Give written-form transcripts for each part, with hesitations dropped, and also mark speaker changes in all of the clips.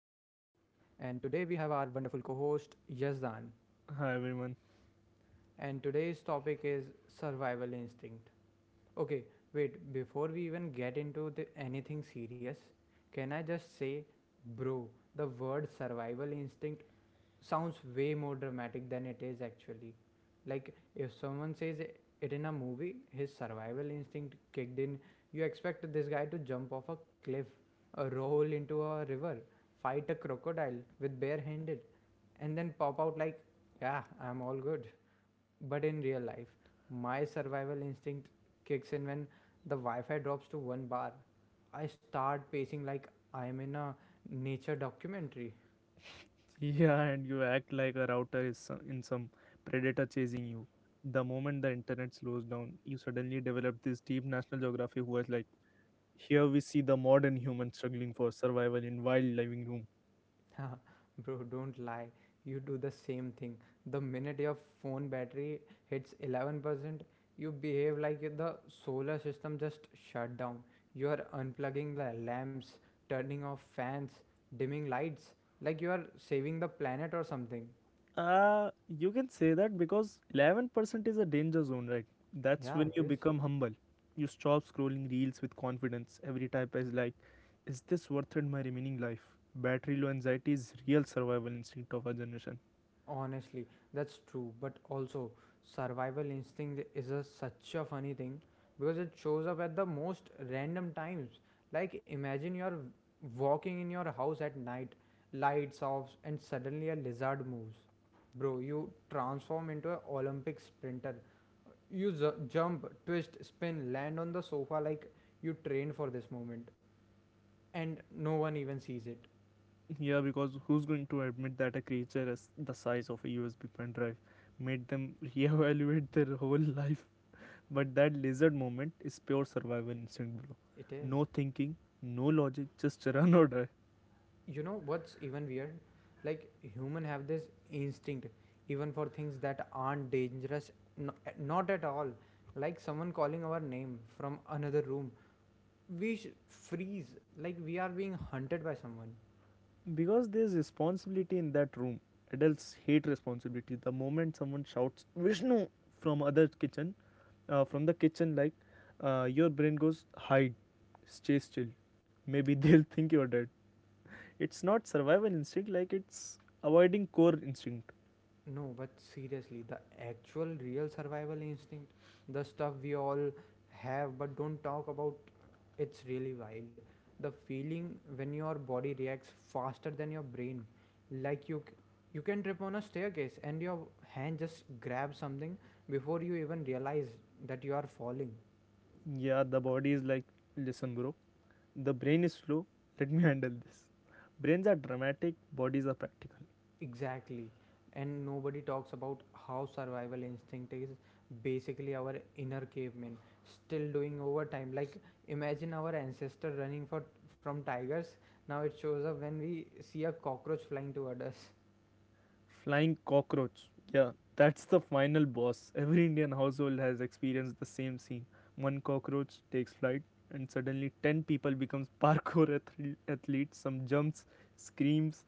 Speaker 1: and today we have our wonderful co host Yazdan.
Speaker 2: Hi everyone.
Speaker 1: And today's topic is survival instinct. Okay, wait, before we even get into anything serious, can I just say, bro, the word survival instinct sounds way more dramatic than it is actually. Like, if someone says it in a movie, his survival instinct kicked in, you expect this guy to jump off a cliff, roll into a river, fight a crocodile with barehanded, and then pop out like, yeah, I'm all good. But in real life, my survival instinct kicks in when the Wi Fi drops to one bar. I start pacing like I'm in a nature documentary.
Speaker 2: Yeah, and you act like a router is in some predator chasing you. The moment the internet slows down, you suddenly develop this deep National Geographic who was like, here we see the modern human struggling for survival in wild living room.
Speaker 1: Bro, don't lie. You do the same thing. The minute your phone battery hits 11%, you behave like the solar system just shut down. You are unplugging the lamps, turning off fans, dimming lights, like you are saving the planet or something.
Speaker 2: Uh, you can say that because 11% is a danger zone, right? That's
Speaker 1: Yeah,
Speaker 2: when
Speaker 1: it
Speaker 2: you
Speaker 1: is.
Speaker 2: become humble. You stop scrolling reels with confidence. Every type is like, is this worth it my remaining life? Battery low anxiety is real survival instinct of our generation.
Speaker 1: Honestly, that's true, but also survival instinct is such a funny thing because it shows up at the most random times. Like imagine you're walking in your house at night, lights off, and suddenly a lizard moves. Bro, you transform into an Olympic sprinter. Jump, twist, spin, land on the sofa like you trained for this moment, and no one even sees it.
Speaker 2: Yeah, because who's going to admit that a creature as the size of a USB pen drive made them reevaluate their whole life? But that lizard moment is pure survival instinct, bro.
Speaker 1: It is.
Speaker 2: No thinking, no logic, just run or die.
Speaker 1: You know what's even weird, like human have this instinct even for things that aren't dangerous, n- not at all, like someone calling our name from another room, freeze like we are being hunted by someone.
Speaker 2: Because there's responsibility in that room. Adults hate responsibility. The moment someone shouts Vishnu from other kitchen, from the kitchen, like your brain goes hide, stay still. Maybe they'll think you're dead. It's not survival instinct, like it's avoiding core instinct.
Speaker 1: No, but seriously, the actual real survival instinct, the stuff we all have but don't talk about, it's really wild. The feeling when your body reacts faster than your brain, like you can trip on a staircase and your hand just grabs something before you even realize that you are falling.
Speaker 2: Yeah, the body is like, listen bro, the brain is slow, let me handle this. Brains are dramatic, bodies are practical.
Speaker 1: Exactly. And nobody talks about how survival instinct is basically our inner caveman still doing overtime. Like imagine our ancestor running for from tigers. Now it shows up when we see a cockroach flying toward us.
Speaker 2: Flying cockroach, yeah, that's the final boss. Every Indian household has experienced the same scene. One cockroach takes flight and suddenly 10 people becomes parkour athletes, some jumps, screams,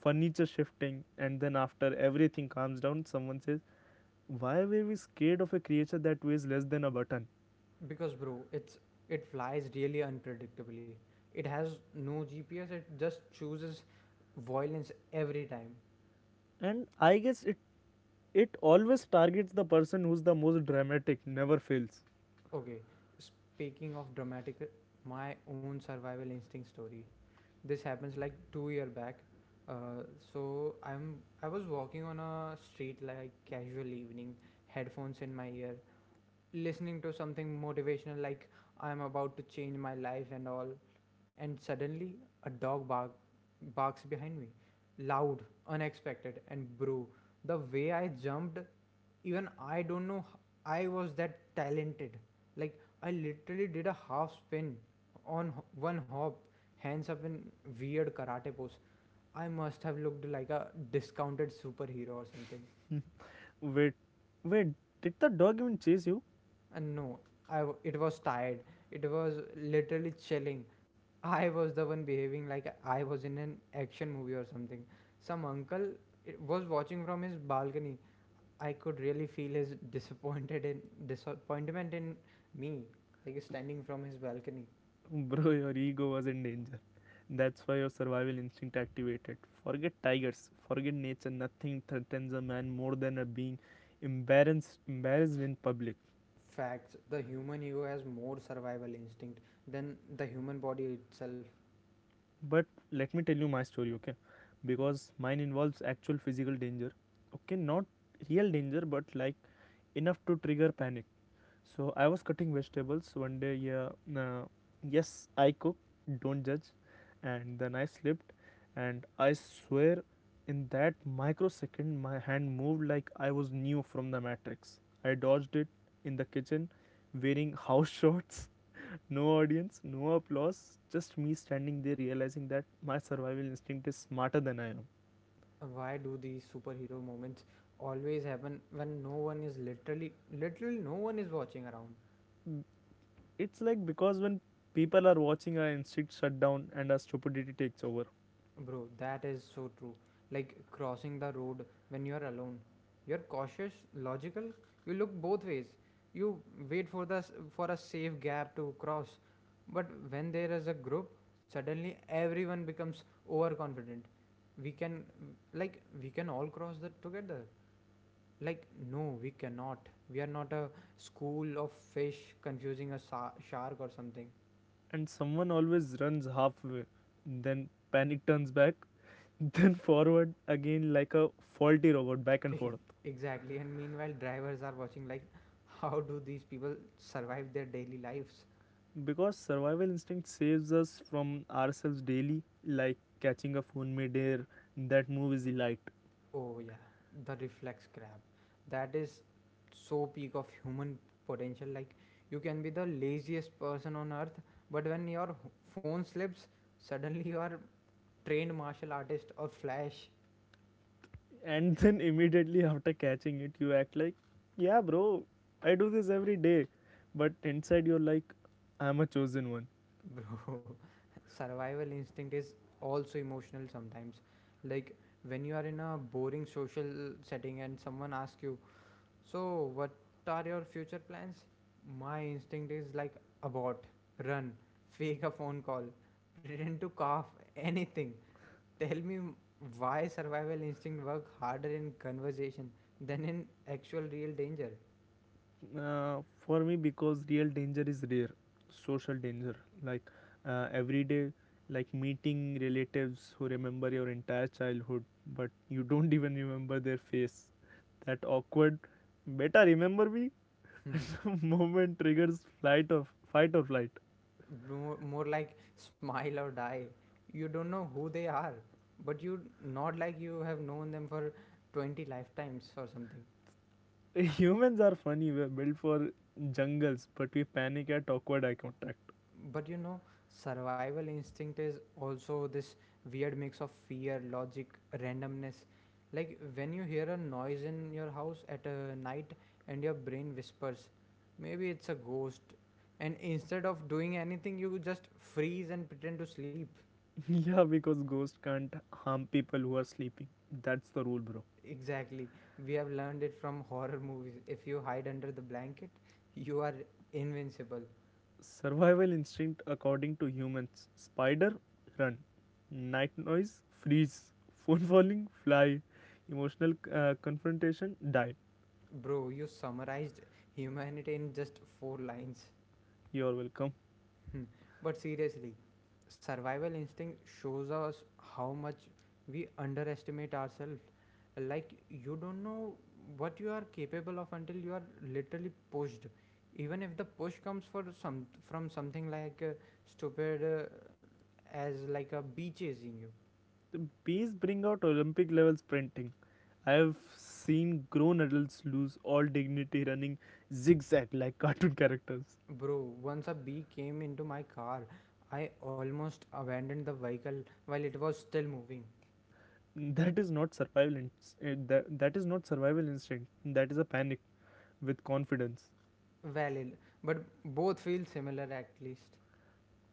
Speaker 2: furniture shifting, and then after everything calms down someone says, why were we scared of a creature that weighs less than a button?
Speaker 1: Because bro, it flies really unpredictably. It has no GPS, it just chooses violence every time.
Speaker 2: And I guess it always targets the person who's the most dramatic. Never fails.
Speaker 1: Okay. Speaking of dramatic, my own survival instinct story. This happens like 2 year back. Uh, so i'm I was walking on a street, like casual evening, headphones in my ear, listening to something motivational like I'm about to change my life and all, and suddenly a dog bark, barks behind me, loud, unexpected, and bro, the way I jumped, even I don't know, I was that talented. Like I literally did a half spin on one hop, hands up in weird karate pose. I must have looked like a discounted superhero or something.
Speaker 2: Wait, wait, did the dog even chase you?
Speaker 1: And no, it was tired. It was literally chilling. I was the one behaving like I was in an action movie or something. Some uncle, was watching from his balcony. I could really feel his disappointed in disappointment in me, like standing from his balcony.
Speaker 2: Bro, your ego was in danger. That's why your survival instinct activated. Forget tigers, forget nature. Nothing threatens a man more than a being embarrassed in public.
Speaker 1: Facts: the human ego has more survival instinct than the human body itself.
Speaker 2: But let me tell you my story, okay?
Speaker 1: Hmm.
Speaker 2: Because mine involves actual physical danger. Okay, not real danger, but like enough to trigger panic. So I was cutting vegetables one day. Yeah, uh, yes, I cook. Don't judge. And then I slipped, and I swear, in that microsecond, my hand moved like I was new from the Matrix. I dodged it in the kitchen, wearing house shorts. No audience, no applause, just me standing there realizing that my survival instinct is smarter than I am.
Speaker 1: Why do these superhero moments always happen when no one is literally literally no one is watching around?
Speaker 2: It's like because when people are watching, our instinct shut down and our stupidity takes over.
Speaker 1: Bro, that is so true. Like crossing the road when you are alone, you're cautious, logical, you look both ways, you wait for for a safe gap to cross, but when there is a group, suddenly everyone becomes overconfident. We can Like we can all cross that together. Like, no, we cannot. We are not a school of fish confusing shark or something.
Speaker 2: And someone always runs halfway, then panic, turns back, then forward again, like a faulty robot, back and forth.
Speaker 1: Exactly. And meanwhile, drivers are watching, like, how do these people survive their daily lives?
Speaker 2: Because survival instinct saves us from ourselves daily, like catching a phone midair. That move is light.
Speaker 1: Oh, yeah, the reflex grab. That is so peak of human potential. Like, you can be the laziest person on earth, but when your phone slips, suddenly you are trained martial artist or flash.
Speaker 2: And then immediately after catching it, you act like, yeah bro, I do this every day. But inside you're like, I'm a chosen one.
Speaker 1: Bro, survival instinct is also emotional sometimes. Like when you are in a boring social setting and someone asks you, so, what are your future plans? My instinct is like abort, run, fake a phone call, pretend to cough, anything. Tell me why survival instinct work harder in conversation than in actual real danger.
Speaker 2: For me because real danger is rare. Social danger, like every day, like meeting relatives who remember your entire childhood but you don't even remember their face. That awkward better remember me moment triggers flight of fight or flight.
Speaker 1: More like smile or die. You don't know who they are, but you not like you have known them for 20 lifetimes or something.
Speaker 2: Humans are funny. We're built for jungles but we panic at awkward eye contact.
Speaker 1: But you know, survival instinct is also this weird mix of fear, logic, randomness. Like when you hear a noise in your house at a night and your brain whispers maybe it's a ghost, and instead of doing anything you just freeze and pretend to sleep.
Speaker 2: Yeah, because ghosts can't harm people who are sleeping. That's the rule, bro.
Speaker 1: Exactly. We have learned it from horror movies. If you hide under the blanket, you are invincible.
Speaker 2: Survival instinct according to humans. Spider, run. Night noise, freeze. Phone falling, fly. Emotional confrontation, die.
Speaker 1: Bro, you summarized humanity in just four lines.
Speaker 2: You're welcome.
Speaker 1: Hmm. But seriously, survival instinct shows us how much we underestimate ourselves. Like, you don't know what you are capable of until you are literally pushed. Even if the push comes for some from something like stupid, as like a bee chasing you.
Speaker 2: The bees bring out Olympic level sprinting. I have seen grown adults lose all dignity running zigzag like cartoon characters.
Speaker 1: Bro, once a bee came into my car, I almost abandoned the vehicle while it was still moving.
Speaker 2: That is not survival. That is not survival instinct. That is a panic with confidence.
Speaker 1: Valid, but both feel similar at least.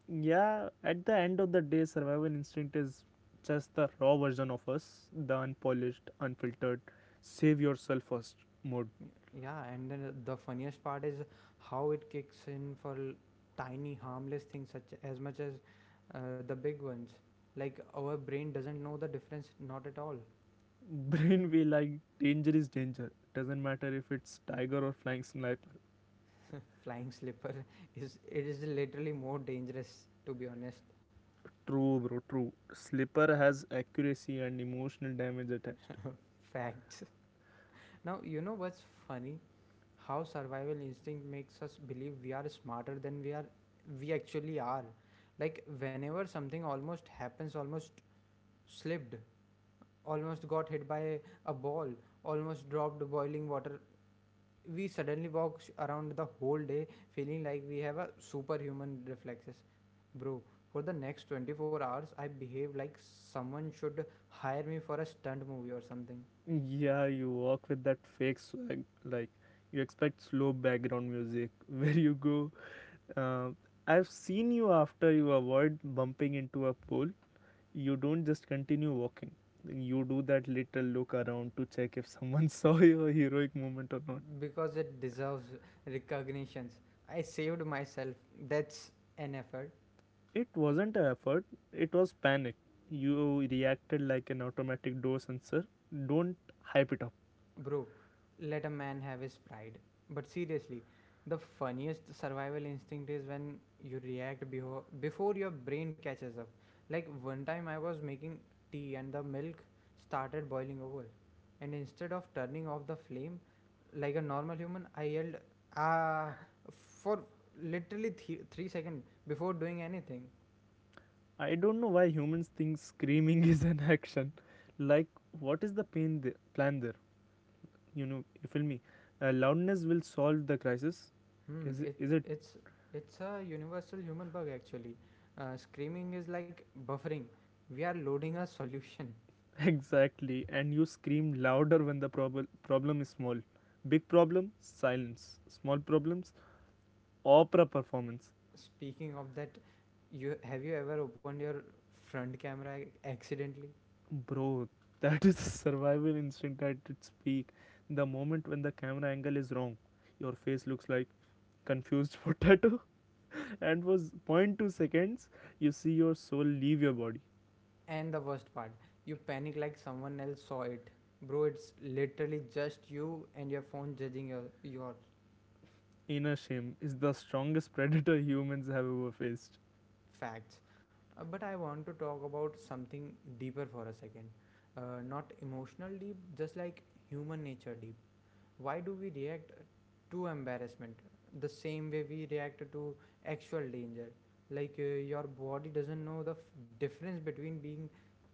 Speaker 2: Yeah, at the end of the day, survival instinct is just the raw version of us, the unpolished, unfiltered, save yourself first mode.
Speaker 1: Yeah, and then the funniest part is how it kicks in for tiny harmless things such as much as the big ones. Like our brain doesn't know the difference, not at all.
Speaker 2: Brain way like, danger is danger. Doesn't matter if it's tiger or flying sniper.
Speaker 1: Flying slipper is, it is literally more dangerous, to be honest.
Speaker 2: True, bro, true. Slipper has accuracy and emotional damage attached.
Speaker 1: Facts. Now you know what's funny? How survival instinct makes us believe we are smarter than we actually are. Like whenever something almost happens, almost slipped, almost got hit by a ball, almost dropped boiling water, we suddenly around the whole day feeling like we have a superhuman reflexes. Bro, for the next 24 hours I behave like someone should hire me for a stunt movie or something.
Speaker 2: Yeah, you walk with that fake swag. Like, you expect slow background music. Where you go, uh, I've seen you. After you avoid bumping into a pole, you don't just continue walking. You do that little look around to check if someone saw your heroic moment or not.
Speaker 1: Because it deserves recognitions. I saved myself. That's an effort.
Speaker 2: It wasn't an effort, it was panic. You reacted like an automatic door sensor. Don't hype it up.
Speaker 1: Bro, let a man have his pride. But seriously, the funniest survival instinct is when you react before your brain catches up. Like one time I was making tea and the milk started boiling over. And instead of turning off the flame like a normal human, I yelled, ah, for literally 3 seconds before doing anything.
Speaker 2: I don't know why humans think screaming is an action. Like, what is the plan there? You know, you feel me? Loudness will solve the crisis.
Speaker 1: Hmm,
Speaker 2: Is it?
Speaker 1: it
Speaker 2: Is it?
Speaker 1: it's it's a universal human bug actually. Screaming is like buffering. We are loading a solution.
Speaker 2: Exactly, and you scream louder when the problem is small. Big problem, silence. Small problems, opera performance.
Speaker 1: Speaking of that, you have you ever opened your front camera accidentally?
Speaker 2: Bro, that is survival instinct at its peak. The moment when the camera angle is wrong, your face looks like confused potato, and for 0.2 seconds, you see your soul leave your body.
Speaker 1: And the worst part, you panic like someone else saw it. Bro, it's literally just you and your phone judging your
Speaker 2: Inner shame is the strongest predator humans have ever faced.
Speaker 1: facts. But I want to talk about something deeper for a second. Not emotional deep, just like human nature deep. Why do we react to embarrassment the same way we react to actual danger? Like your body doesn't know the difference between being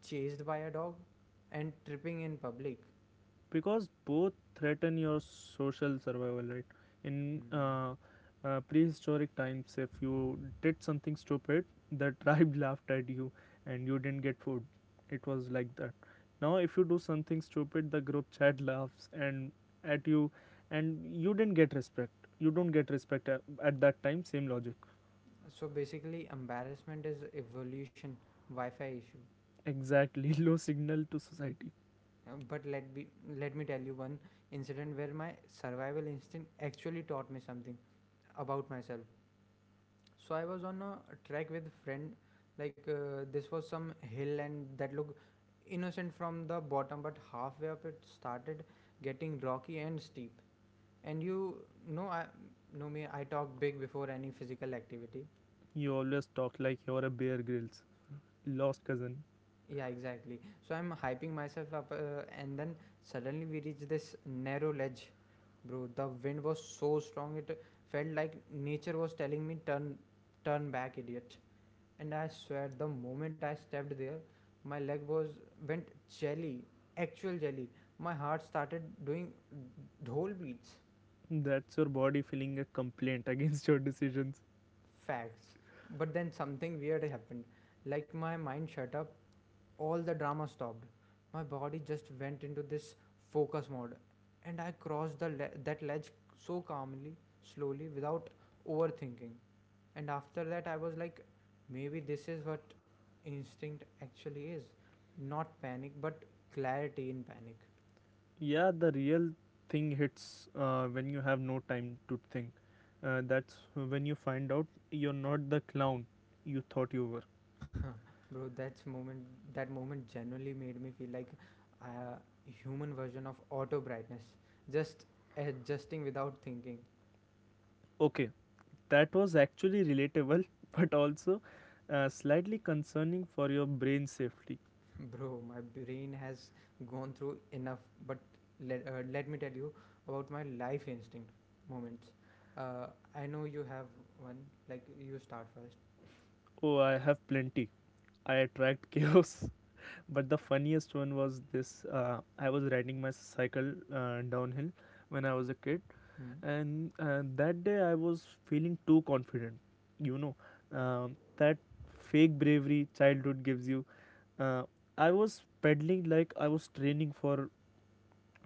Speaker 1: chased by a dog and tripping in public.
Speaker 2: Because both threaten your social survival, right? In
Speaker 1: Hmm.
Speaker 2: prehistoric times, if you did something stupid, the tribe laughed at you and you didn't get food. It was like that. Now if you do something stupid, the group chat laughs and at you, and you didn't get respect. You don't get respect at that time. Same logic.
Speaker 1: So basically embarrassment is evolution wi-fi issue.
Speaker 2: Exactly. Low signal to society.
Speaker 1: But let me tell you one incident where my survival instinct actually taught me something about myself. So I was on a trek with friend. Like this was some hill and that looked innocent from the bottom, but halfway up it started getting rocky and steep. And you know, I know me. I talk big before any physical activity.
Speaker 2: You always talk like you're a Bear Grills lost cousin.
Speaker 1: Yeah, exactly. So I'm hyping myself up, and then suddenly we reach this narrow ledge, bro. The wind was so strong it felt like nature was telling me turn back, idiot. And I swear the moment I stepped there, my leg was went jelly, actual jelly. My heart started doing dhol beats,
Speaker 2: That's your body feeling a complaint against your decisions.
Speaker 1: facts. But then something weird happened. Like my mind shut up, all the drama stopped. My body just went into this focus mode, and I crossed that ledge so calmly, slowly, without overthinking. And after that I was like, maybe this is what instinct actually is, not panic, but clarity in panic.
Speaker 2: Yeah, the real thing hits when you have no time to think. That's when you find out you're not the clown you thought you were.
Speaker 1: Bro that's moment that moment genuinely made me feel like a human version of auto brightness, just adjusting without thinking.
Speaker 2: Okay, that was actually relatable, but also slightly concerning for your brain safety.
Speaker 1: Bro, my brain has gone through enough, but let me tell you about my life instinct moments. uh, I know you have one, like you start first.
Speaker 2: Oh, I have plenty. I attract chaos. But the funniest one was this. I was riding my cycle downhill when I was a kid,
Speaker 1: Hmm?
Speaker 2: and that day I was feeling too confident. You know, that fake bravery childhood gives you. Uh, I was pedaling like I was training for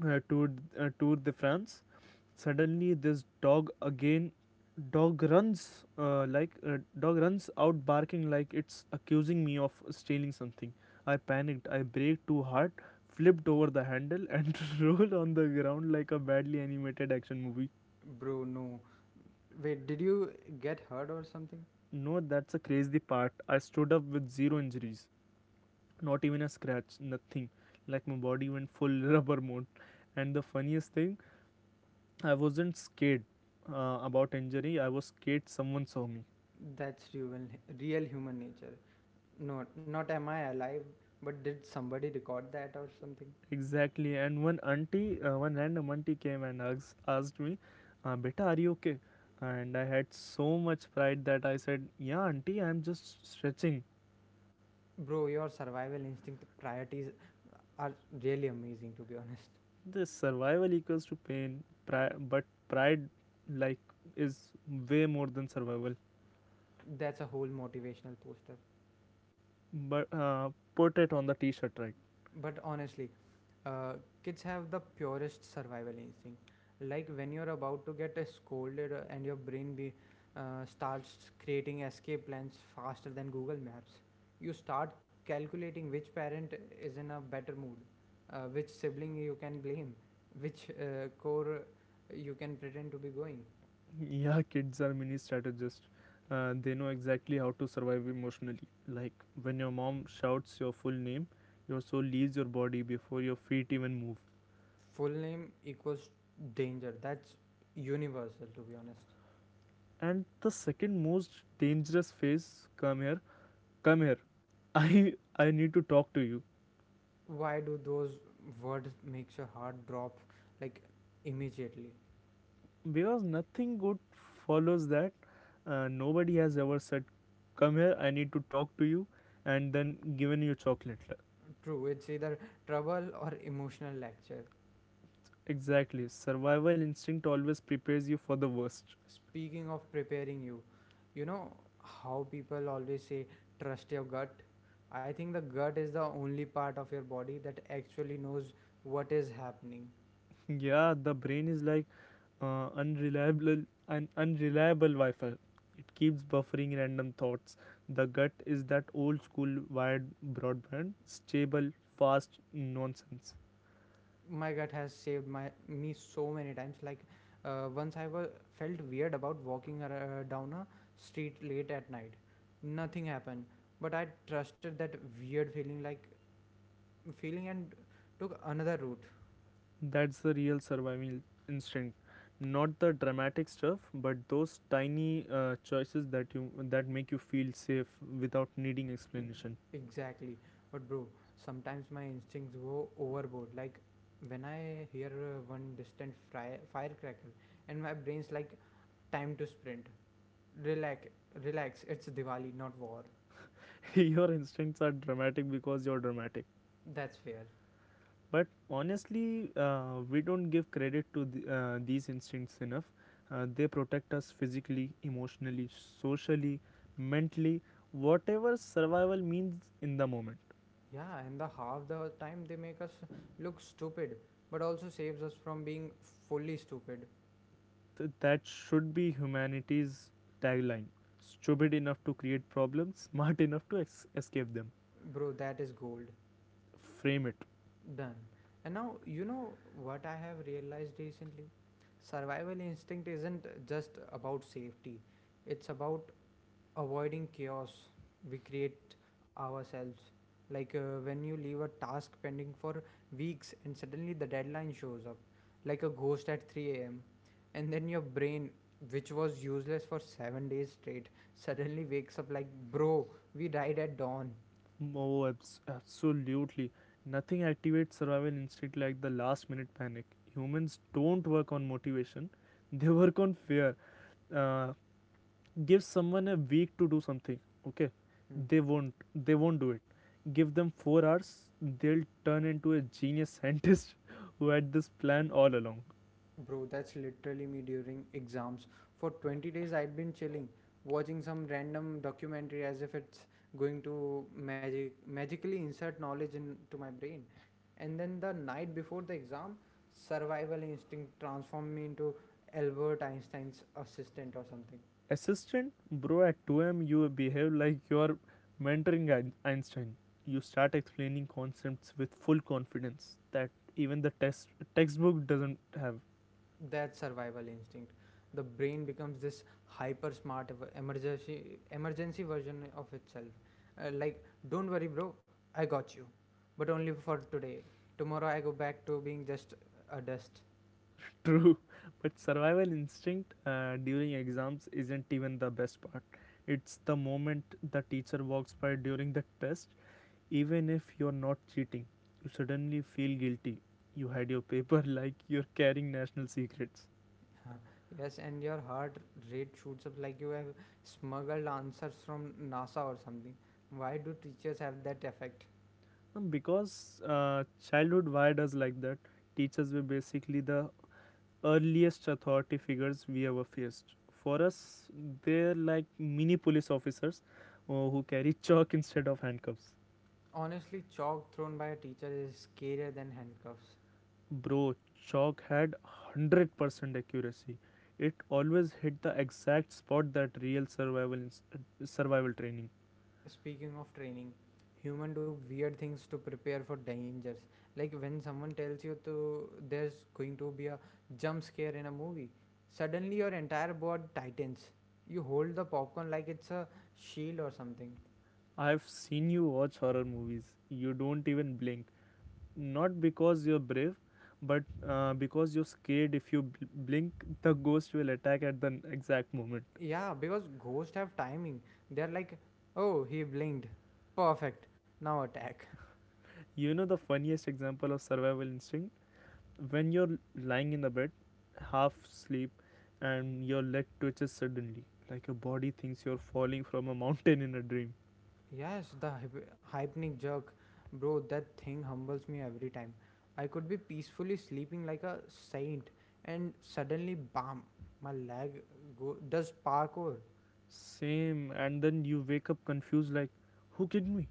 Speaker 2: uh, Tour Tour de France. Suddenly, this dog again. Dog runs out barking like it's accusing me of stealing something. I panicked. I braked too hard, flipped over the handle, and rolled on the ground like a badly animated action movie.
Speaker 1: Bro no. Wait, did you get hurt or something?
Speaker 2: No, that's a crazy part. I stood up with zero injuries, not even a scratch, nothing. Like my body went full rubber mode. And the funniest thing, I wasn't scared about injury. I was scared someone saw me.
Speaker 1: That's real, real human nature. No, not am I alive, but did somebody record that or something?
Speaker 2: Exactly. And one random auntie came and asked me, Beta, are you okay? And I had so much pride that I said, yeah, auntie, I'm just stretching.
Speaker 1: Bro, your survival instinct priorities are really amazing to be honest.
Speaker 2: This survival equals to pain, but pride, like, is way more than survival.
Speaker 1: That's a whole motivational poster.
Speaker 2: But put it on the t shirt, right?
Speaker 1: But honestly, uh, kids have the purest survival instinct like when you're about to get scolded and your brain starts creating escape plans faster than Google Maps. You start calculating which parent is in a better mood, which sibling you can blame, which core you can pretend to be going.
Speaker 2: Yeah, kids are mini strategists. They know exactly how to survive emotionally. Like, when your mom shouts your full name, your soul leaves your body before your feet even move.
Speaker 1: Full name equals danger. That's universal, to be honest.
Speaker 2: And the second most dangerous phase, come here, come here. i I need to talk to you.
Speaker 1: Why do those words makes your heart drop, like, immediately?
Speaker 2: Because nothing good follows that. Nobody has ever said, come here, I need to talk to you, and then given you chocolate.
Speaker 1: True, it's either trouble or emotional lecture.
Speaker 2: Exactly, survival instinct always prepares you for the worst.
Speaker 1: Speaking of preparing you, you know how people always say trust your gut? I think the gut is the only part of your body that actually knows what is happening.
Speaker 2: Yeah, the brain is like unreliable an unreliable Wi-Fi. It keeps buffering random thoughts. The gut is that old school wired broadband, stable, fast nonsense.
Speaker 1: My gut has saved my me so many times. Like, once I was felt weird about walking down a street late at night. Nothing happened, but I trusted that weird feeling and took another route.
Speaker 2: That's the real survival instinct. Not the dramatic stuff, but those tiny choices that you that make you feel safe without needing explanation.
Speaker 1: Exactly. But bro, sometimes my instincts go overboard. Like when I hear one distant firecracker and my brain's like, time to sprint. Relax, relax. It's Diwali, not war.
Speaker 2: Your instincts are dramatic because you're dramatic.
Speaker 1: That's fair.
Speaker 2: But honestly, we don't give credit to these instincts enough. They protect us physically, emotionally, socially, mentally, whatever survival means in the moment.
Speaker 1: Yeah, and the half the time they make us look stupid, but also saves us from being fully stupid.
Speaker 2: That should be humanity's tagline. Stupid enough to create problems, smart enough to escape them.
Speaker 1: Bro, that is gold.
Speaker 2: Frame it.
Speaker 1: Done. And now, you know what I have realized recently? Survival instinct isn't just about safety, it's about avoiding chaos we create ourselves. Like when you leave a task pending for weeks and suddenly the deadline shows up, like a ghost at 3 a.m., and then your brain, which was useless for 7 days straight, suddenly wakes up like, bro, we died at dawn.
Speaker 2: Oh, absolutely. Nothing activates survival instinct like the last minute panic. Humans don't work on motivation, they work on fear. Uh, Give someone a week to do something, okay?
Speaker 1: Hmm.
Speaker 2: They won't. They won't do it. Give them 4 hours, they'll turn into a genius scientist who had this plan all along.
Speaker 1: Bro, that's literally me during exams. For 20 days, I'd been chilling, watching some random documentary as if it's going to magically insert knowledge into my brain. And then the night before the exam, survival instinct transformed me into Albert Einstein's assistant or something.
Speaker 2: Assistant, bro, at 2 a.m. you behave like you are mentoring Einstein. You start explaining concepts with full confidence that even the test textbook doesn't have.
Speaker 1: That survival instinct. The brain becomes this hyper smart emergency version of itself. Like, don't worry, bro, I got you, but only for today. Tomorrow I go back to being just a dust.
Speaker 2: True, but survival instinct during exams isn't even the best part. It's the moment the teacher walks by during the test. Even if you're not cheating, you suddenly feel guilty. You hide your paper like you're carrying national secrets.
Speaker 1: Huh. Yes, and your heart rate shoots up like you have smuggled answers from NASA or something. Why do teachers have that effect?
Speaker 2: Because childhood wired us like that, teachers were basically the earliest authority figures we ever faced. For us, they're like mini police officers who carry chalk instead of handcuffs.
Speaker 1: Honestly, chalk thrown by a teacher is scarier than handcuffs.
Speaker 2: Bro, chalk had 100% accuracy. It always hit the exact spot that real survival training.
Speaker 1: Speaking of training, human do weird things to prepare for dangers. Like when someone tells you to there's going to be a jump scare in a movie, suddenly your entire body tightens. You hold the popcorn like it's a shield or something.
Speaker 2: I've seen you watch horror movies. You don't even blink, not because you're brave but because you're scared if you blink the ghost will attack at the exact moment.
Speaker 1: Yeah, because ghosts have timing. They're like, oh, he blinked. Perfect. Now attack.
Speaker 2: You know the funniest example of survival instinct? When you're lying in the bed, half asleep, and your leg twitches suddenly, like your body thinks you're falling from a mountain in a dream.
Speaker 1: Yes, the hypnic jerk. Bro, that thing humbles me every time. I could be peacefully sleeping like a saint, and suddenly, bam, my leg does parkour.
Speaker 2: Same, and then you wake up confused like, who kicked me?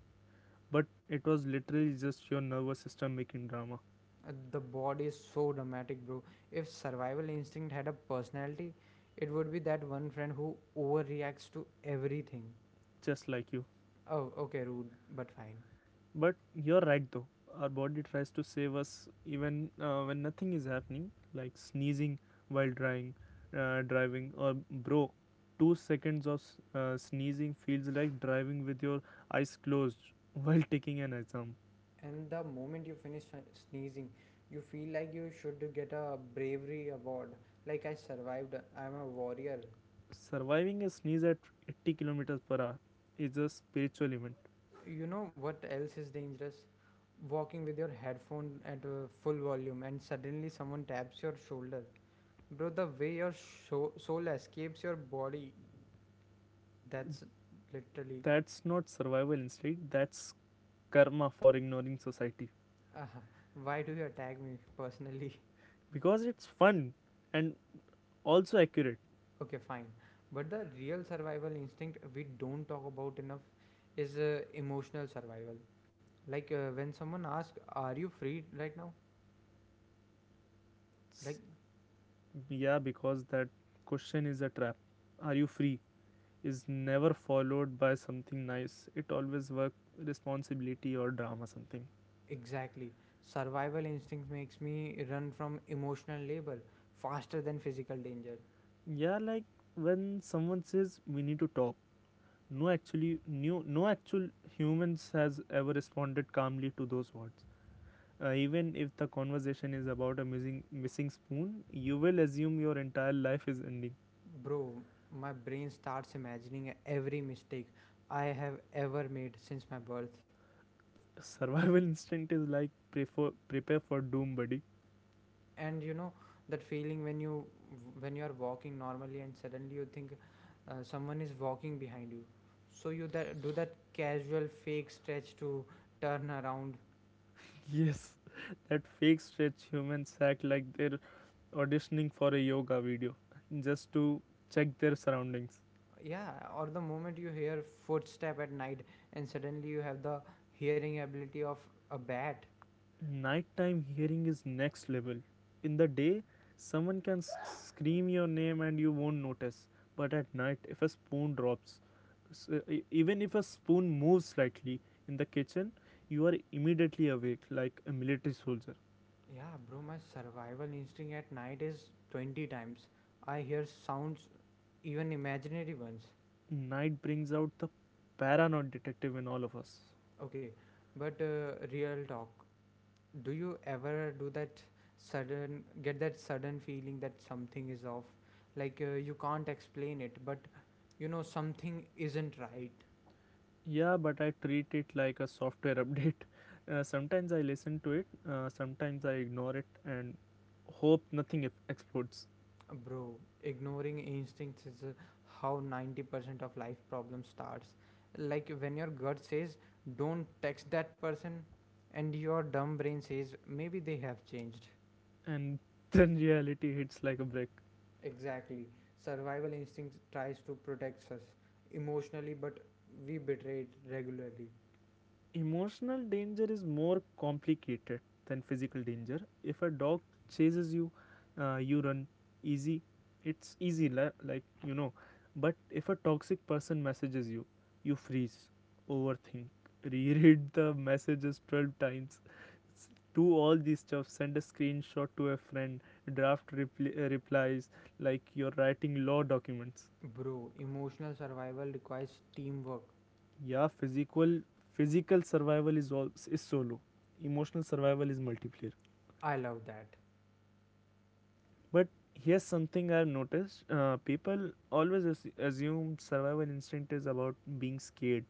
Speaker 2: But it was literally just your nervous system making drama.
Speaker 1: The body is so dramatic, bro. If survival instinct had a personality, it would be that one friend who overreacts to everything.
Speaker 2: Just like you.
Speaker 1: Oh, okay, rude, but fine.
Speaker 2: But you're right though. Our body tries to save us even when nothing is happening, like sneezing while driving, driving or bro, 2 seconds of sneezing feels like driving with your eyes closed while taking an exam.
Speaker 1: And the moment you finish sneezing, you feel like you should get a bravery award. Like, I survived, I'm a warrior.
Speaker 2: Surviving a sneeze at 80 kilometers per hour is a spiritual event.
Speaker 1: You know what else is dangerous? Walking with your headphone at full volume and suddenly someone taps your shoulder. Bro, the way your soul escapes your body, that's literally.
Speaker 2: That's not survival instinct. That's karma for ignoring society.
Speaker 1: Uh, why do you attack me personally?
Speaker 2: Because it's fun and also accurate.
Speaker 1: Okay, fine. But the real survival instinct we don't talk about enough is emotional survival. Like when someone asks, are you free right now? Like,
Speaker 2: S- Yeah, because that question is a trap. Are you free? Is never followed by something nice. It always work responsibility or drama something.
Speaker 1: exactly. Survival instinct makes me run from emotional labor faster than physical danger.
Speaker 2: Yeah, like when someone says we need to talk. No, actually, new no actual humans has ever responded calmly to those words. Even if the conversation is about a missing spoon, you will assume your entire life is ending.
Speaker 1: Bro, my brain starts imagining every mistake I have ever made since my birth.
Speaker 2: Survival instinct is like prepare for doom, buddy.
Speaker 1: And you know that feeling when you are walking normally and suddenly you think someone is walking behind you, so you that do that casual fake stretch to turn around?
Speaker 2: Yes, that fake stretch, humans act like they're auditioning for a yoga video just to check their surroundings.
Speaker 1: Yeah, or the moment you hear footstep at night and suddenly you have the hearing ability of a bat.
Speaker 2: Nighttime hearing is next level. In the day, someone can scream your name and you won't notice, but at night, if a spoon drops, even if a spoon moves slightly in the kitchen, you are immediately awake like a military soldier.
Speaker 1: Yeah bro, my survival instinct at night is 20 times. I hear sounds, even imaginary ones.
Speaker 2: Night brings out the paranoid detective in all of us.
Speaker 1: Okay, but real talk, do you ever do that sudden get that sudden feeling that something is off, like you can't explain it but you know something isn't right?
Speaker 2: Yeah, but I treat it like a software update. Sometimes I listen to it, sometimes I ignore it and hope nothing explodes.
Speaker 1: Bro, ignoring instincts is how 90% of life problems starts. Like when your gut says don't text that person and your dumb brain says maybe they have changed.
Speaker 2: And then reality hits like a brick.
Speaker 1: Exactly. Survival instinct tries to protect us emotionally, but we betray it regularly.
Speaker 2: Emotional danger is more complicated than physical danger. If a dog chases you, you run, easy. It's easy, like, you know. But if a toxic person messages you, you freeze, overthink, reread the messages 12 times, do all this stuff, send a screenshot to a friend, draft replies like you're writing law documents.
Speaker 1: Bro, emotional survival requires teamwork.
Speaker 2: Yeah, physical survival is all, is solo. Emotional survival is multiplayer.
Speaker 1: I love that.
Speaker 2: But here's something I've noticed, people always assume survival instinct is about being scared,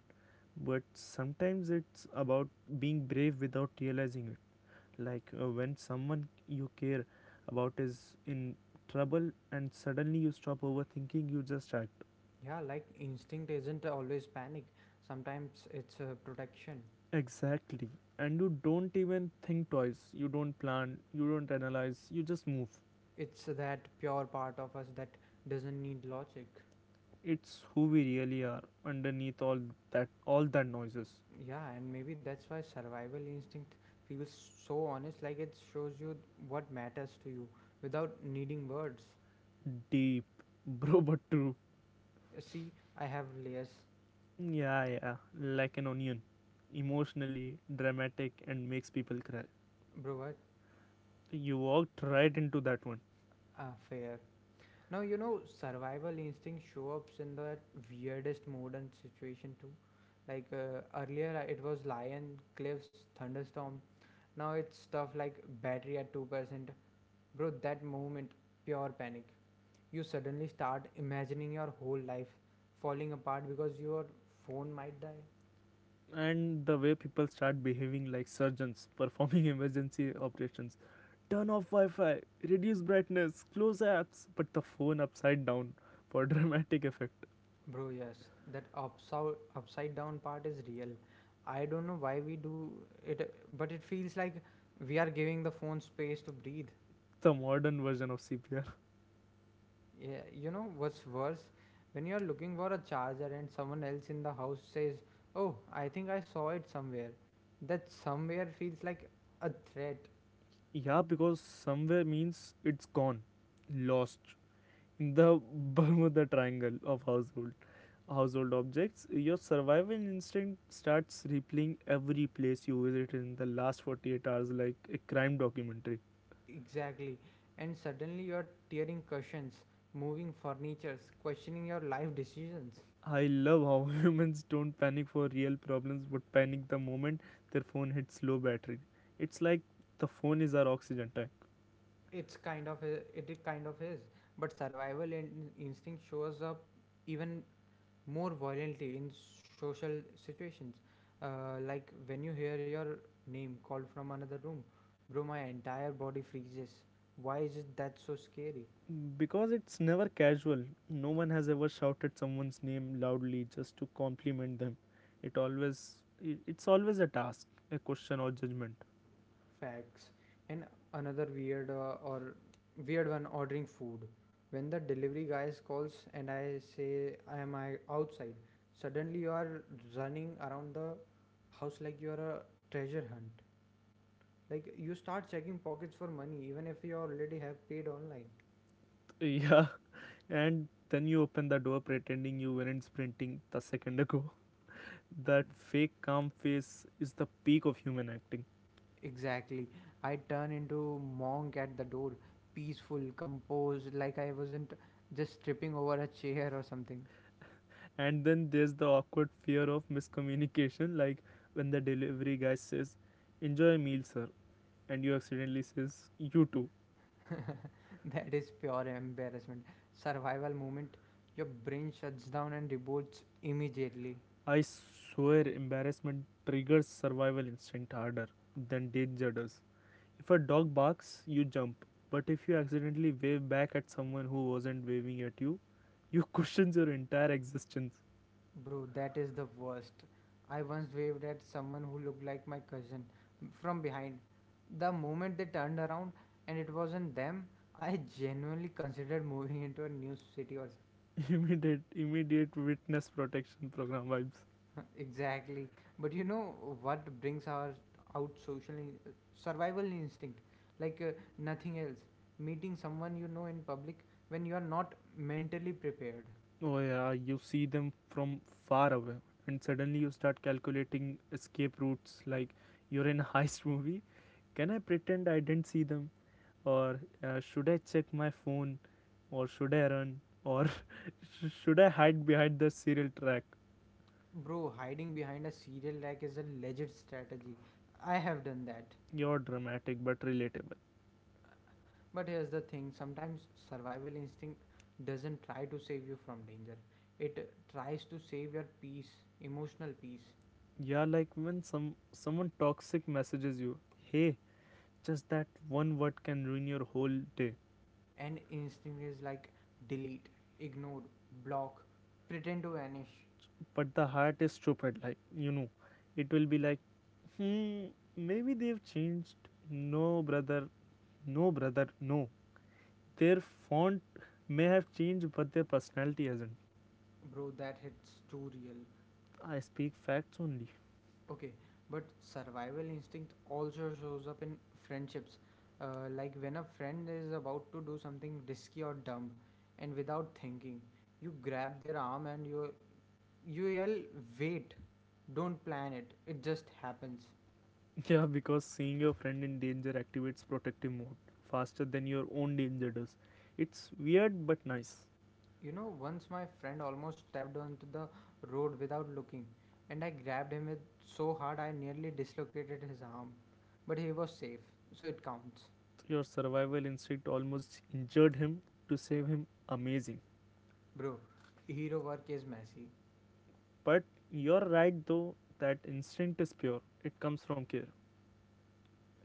Speaker 2: but sometimes it's about being brave without realizing it, like when someone you care about is in trouble and suddenly you stop overthinking, you just act.
Speaker 1: Yeah, like instinct isn't always panic. Sometimes it's protection.
Speaker 2: Exactly, and you don't even think twice, you don't plan, you don't analyze, you just move.
Speaker 1: It's that pure part of us that doesn't need logic.
Speaker 2: It's who we really are underneath all that noises.
Speaker 1: Yeah, and maybe that's why survival instinct feels so honest, like it shows you what matters to you without needing words.
Speaker 2: Deep bro, but true.
Speaker 1: See, I have layers,
Speaker 2: Yeah, yeah, like an onion, emotionally dramatic and makes people cry.
Speaker 1: bro. What?
Speaker 2: You walked right into that one.
Speaker 1: Ah, fair. Now you know survival instinct show up in the weirdest modern situation too. Like earlier it was lion, cliffs, thunderstorm. Now it's stuff like battery at 2%. Bro, that moment pure panic. You suddenly start imagining your whole life falling apart because your phone might die.
Speaker 2: And the way people start behaving like surgeons performing emergency operations, turn off wi-fi, reduce brightness, close apps, but the phone upside down for dramatic effect.
Speaker 1: Bro, yes, that upside down part is real. I don't know why we do it, but it feels like we are giving the phone space to breathe.
Speaker 2: The modern version of CPR.
Speaker 1: Yeah, you know what's worse? When you're looking for a charger and someone else in the house says, oh, I think I saw it somewhere. That somewhere feels like a threat.
Speaker 2: Yeah, because somewhere means it's gone, lost in the Bermuda triangle of household objects. Your survival instinct starts replaying every place you visited in the last 48 hours like a crime documentary.
Speaker 1: Exactly. And suddenly you're tearing cushions, moving furnitures, questioning your life decisions.
Speaker 2: I love how humans don't panic for real problems, but panic the moment their phone hits low battery. It's like the phone is our oxygen tank.
Speaker 1: It's kind of a, it I- kind of is, but survival instinct shows up even more violently in social situations. Like when you hear your name called from another room, bro, my entire body freezes. Why is it that so scary?
Speaker 2: Because it's never casual, no one has ever shouted someone's name loudly just to compliment them. It's always a task, a question or judgment.
Speaker 1: Facts. And another weird or weird one, ordering food. When the delivery guy calls and I say I am I outside, suddenly you are running around the house like you are a treasure hunt. Like you start checking pockets for money even if you already have paid online.
Speaker 2: Yeah, and then you open the door pretending you weren't sprinting the second ago. That fake calm face is the peak of human acting.
Speaker 1: Exactly. I turn into monk at the door, peaceful, composed, like I wasn't just tripping over a chair or something.
Speaker 2: And then there's the awkward fear of miscommunication, like when the delivery guy says enjoy a meal sir, and you accidentally says you too.
Speaker 1: That is pure embarrassment. Survival moment. Your brain shuts down and revolts immediately.
Speaker 2: I swear embarrassment triggers survival instinct harder than danger does. If a dog barks you jump, but if you accidentally wave back at someone who wasn't waving at you, you question your entire existence.
Speaker 1: Bro, that is the worst. I once waved at someone who looked like my cousin from behind. The moment they turned around and it wasn't them, I genuinely considered moving into a new city or...
Speaker 2: Immediate witness protection program vibes.
Speaker 1: Exactly. But you know what brings our out social survival instinct like nothing else? Meeting someone you know in public when you are not mentally prepared.
Speaker 2: Oh yeah, you see them from far away, and suddenly you start calculating escape routes like you're in a heist movie. Can I pretend I didn't see them? Or should I check my phone? Or should I run? Or should I hide behind the serial track?
Speaker 1: Bro, hiding behind a cereal rack is a legit strategy. I have done that.
Speaker 2: You're dramatic but relatable.
Speaker 1: But here's the thing, sometimes survival instinct doesn't try to save you from danger. It tries to save your peace, emotional peace.
Speaker 2: Yeah, like when someone toxic messages you, hey, just that one word can ruin your whole day.
Speaker 1: And instinct is like, delete, ignore, block, pretend to vanish.
Speaker 2: But the heart is stupid, like, you know, it will be like, hmm, maybe they've changed. No brother, no brother, no. Their font may have changed but their personality hasn't.
Speaker 1: Bro, that hits too real.
Speaker 2: I speak facts only.
Speaker 1: Okay, but survival instinct also shows up in friendships. Like when a friend is about to do something risky or dumb, and without thinking, you grab their arm and you yell, "Wait! Don't plan it. It just happens."
Speaker 2: Yeah, because seeing your friend in danger activates protective mode faster than your own danger does. It's weird but nice.
Speaker 1: You know, once my friend almost stepped onto the road without looking, and I grabbed him with so hard I nearly dislocated his arm. But he was safe, so it counts.
Speaker 2: Your survival instinct almost injured him to save him, amazing.
Speaker 1: Bro, hero work is messy.
Speaker 2: But you're right though, that instinct is pure, it comes from care.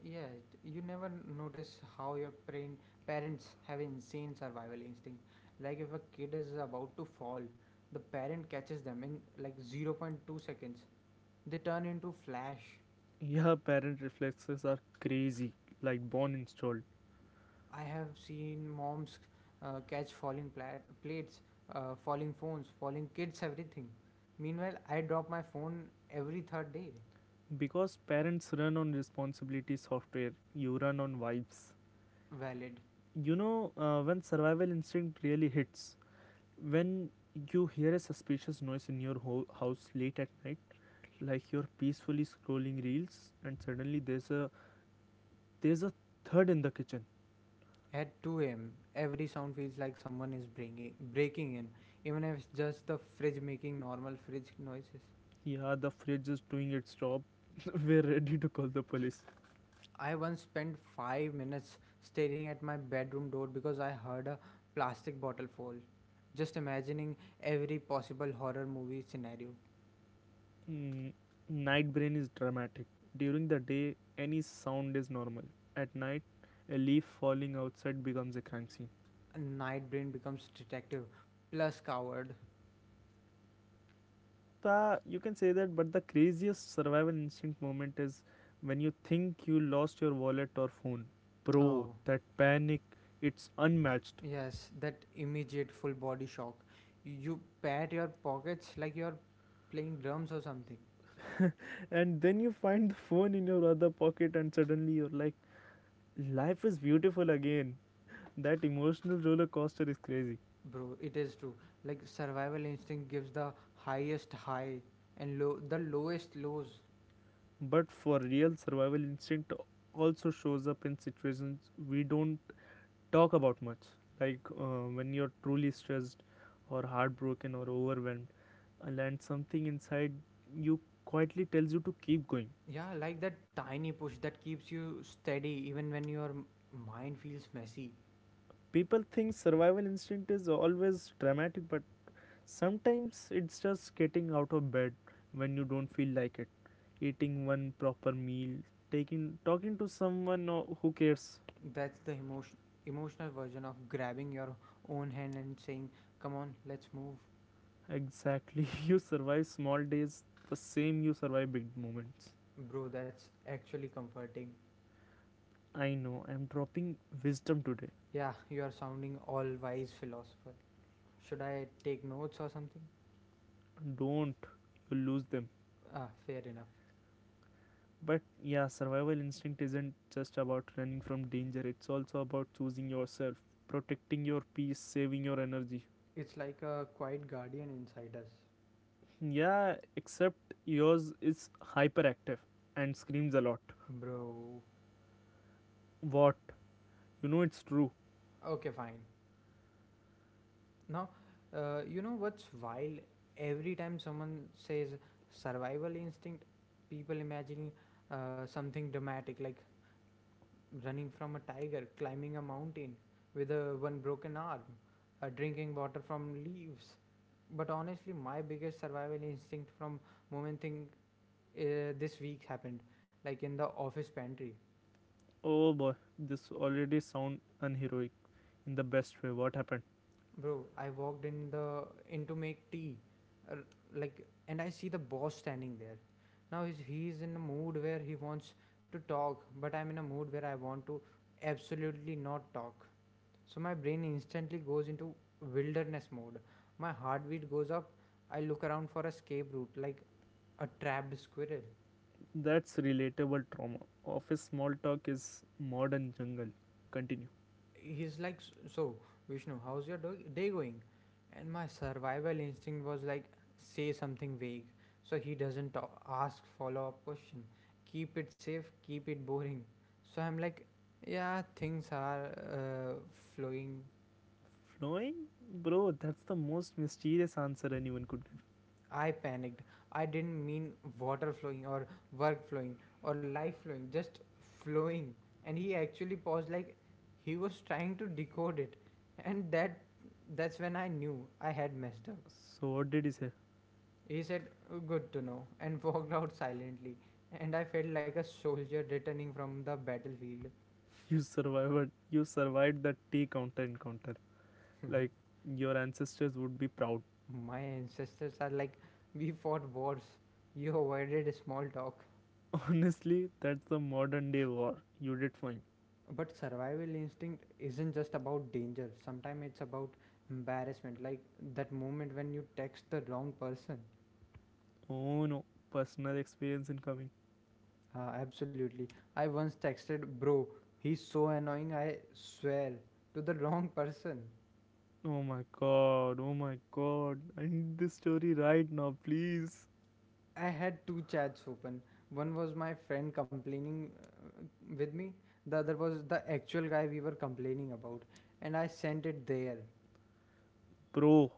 Speaker 1: Yeah, it- you never notice how your brain, parents have insane survival instinct. Like if a kid is about to fall, the parent catches them in like 0 0.2 seconds. They turn into Flash.
Speaker 2: Yeah, parent reflexes are crazy, like born installed.
Speaker 1: I have seen moms catch falling plates, falling phones, falling kids, everything. Meanwhile, I drop my phone every third day.
Speaker 2: Because parents run on responsibility software, you run on vibes.
Speaker 1: Valid.
Speaker 2: You know, when survival instinct really hits, when you hear a suspicious noise in your house late at night, like you're peacefully scrolling reels, and suddenly there's a thud in the kitchen.
Speaker 1: At 2 a.m., every sound feels like someone is breaking in, even if it's just the fridge making normal fridge noises.
Speaker 2: Yeah, the fridge is doing its job. We're ready to call the police.
Speaker 1: I once spent 5 minutes staring at my bedroom door because I heard a plastic bottle fall. Just imagining every possible horror movie scenario.
Speaker 2: Mm, night brain is dramatic. During the day, any sound is normal. At night, a leaf falling outside becomes a crime scene.
Speaker 1: Night Brain becomes detective plus coward.
Speaker 2: The, you can say that, but the craziest survival instinct moment is when you think you lost your wallet or phone. Bro,
Speaker 1: Oh,
Speaker 2: that panic, it's unmatched.
Speaker 1: yes, that immediate full body shock. You pat your pockets like you're playing drums or something.
Speaker 2: And then you find the phone in your other pocket, and suddenly you're like, life is beautiful again. That emotional roller coaster is crazy.
Speaker 1: Bro, it is true. Like survival instinct gives the highest high and low the lowest lows.
Speaker 2: But for real, survival instinct also shows up in situations we don't talk about much, like when you're truly stressed or heartbroken or overwhelmed, and then something inside you quietly tells you to keep going.
Speaker 1: Yeah, like that tiny push that keeps you steady even when your mind feels messy.
Speaker 2: People think survival instinct is always dramatic, but sometimes it's just getting out of bed when you don't feel like it, eating one proper meal, taking talking to someone who cares.
Speaker 1: That's the emotional version of grabbing your own hand and saying, "Come on, let's move."
Speaker 2: Exactly. You survive small days the same you survive big moments.
Speaker 1: Bro, that's actually comforting.
Speaker 2: I know, I'm dropping wisdom today.
Speaker 1: Yeah, you are sounding all wise philosopher. Should I take notes or something?
Speaker 2: Don't, you'll lose them.
Speaker 1: Ah, fair enough.
Speaker 2: But yeah, survival instinct isn't just about running from danger, it's also about choosing yourself, protecting your peace, saving your energy.
Speaker 1: It's like a quiet guardian inside us.
Speaker 2: Yeah, except yours is hyperactive and screams a lot.
Speaker 1: Bro.
Speaker 2: What? You know it's true.
Speaker 1: Okay, fine. Now, you know what's wild? Every time someone says survival instinct, people imagine something dramatic like running from a tiger, climbing a mountain with a one broken arm, drinking water from leaves. But honestly, my biggest survival instinct from moment thing this week happened, like in the office pantry.
Speaker 2: Oh boy, this already sound unheroic in the best way. What happened?
Speaker 1: Bro, I walked in to make tea, uh, and I see the boss standing there. Now he's in a mood where he wants to talk, but I'm in a mood where I want to absolutely not talk. So my brain instantly goes into wilderness mode. My heartbeat goes up. I look around for escape route like a trapped squirrel.
Speaker 2: That's relatable trauma. Office small talk is modern jungle. Continue.
Speaker 1: He's like, "So, Vishnu, how's your day going?" And my survival instinct was like, say something vague, so he doesn't ask follow up question. Keep it safe, keep it boring. So I'm like, "Yeah, things are uh, flowing."
Speaker 2: Flowing? Bro, that's the most mysterious answer anyone could give.
Speaker 1: I panicked. I didn't mean water flowing or work flowing or life flowing, just flowing. And he actually paused like he was trying to decode it. And that's when I knew I had messed up.
Speaker 2: So what did he say?
Speaker 1: He said, "Good to know," and walked out silently. And I felt like a soldier returning from the battlefield.
Speaker 2: You survived that tea counter encounter. Like your ancestors would be proud.
Speaker 1: My ancestors are like, "We fought wars. You avoided small talk."
Speaker 2: Honestly, that's the modern day war. You did fine.
Speaker 1: But survival instinct isn't just about danger. Sometimes it's about embarrassment, like that moment when you text the wrong person.
Speaker 2: Oh no. Personal experience incoming.
Speaker 1: Absolutely. I once texted, "Bro, he's so annoying, I swear," to the wrong person.
Speaker 2: Oh my god, oh my god. I need this story right now, please.
Speaker 1: I had two chats open. One was my friend complaining uh, with me, the other was the actual guy we were complaining about, and I sent it there.
Speaker 2: Bro,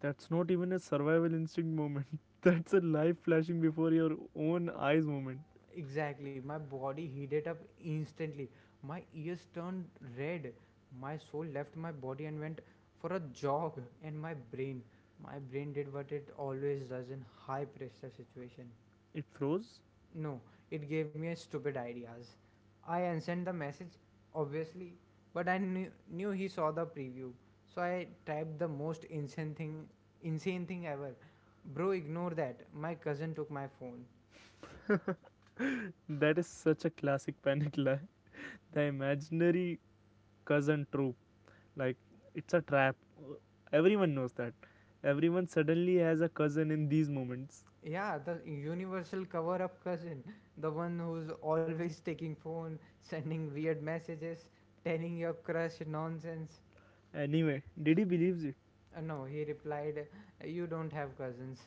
Speaker 2: that's not even a survival instinct moment. That's a life flashing before your own eyes moment.
Speaker 1: Exactly. My body heated up instantly. My ears turned red. My soul left my body and went for a jog. And my brain did what it always does in high pressure situation.
Speaker 2: It froze?
Speaker 1: No, it gave me a stupid ideas. I unsent the message, obviously, but I knew he saw the preview. So I typed the most insane thing ever. Bro, ignore that. My cousin took my phone.
Speaker 2: That is such a classic panic lie. The imaginary cousin trope. Like, it's a trap. Everyone knows that. Everyone suddenly has a cousin in these moments.
Speaker 1: Yeah, the universal cover up cousin, the one who's always taking phone, sending weird messages, telling your crush nonsense.
Speaker 2: Anyway, Diddy believes it.
Speaker 1: No, he replied, "You don't have cousins."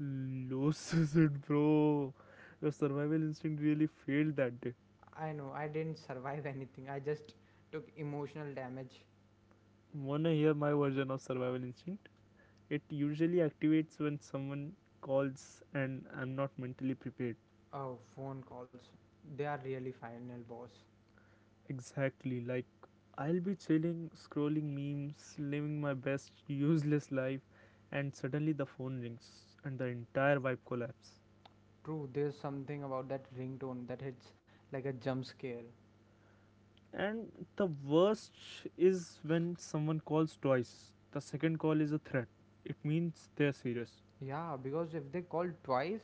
Speaker 2: Loses it, bro. Your survival instinct really failed that day.
Speaker 1: I know, I didn't survive anything. I just took emotional damage.
Speaker 2: Wanna hear my version of survival instinct? It usually activates when someone calls and I'm not mentally prepared.
Speaker 1: Oh, phone calls. They are really final boss.
Speaker 2: Exactly, like I'll be chilling, scrolling memes, living my best useless life, and suddenly the phone rings and the entire vibe collapses.
Speaker 1: True, there's something about that ringtone that hits like a jump scare.
Speaker 2: And the worst is when someone calls twice. The second call is a threat. It means they're serious.
Speaker 1: Yeah, because if they call twice,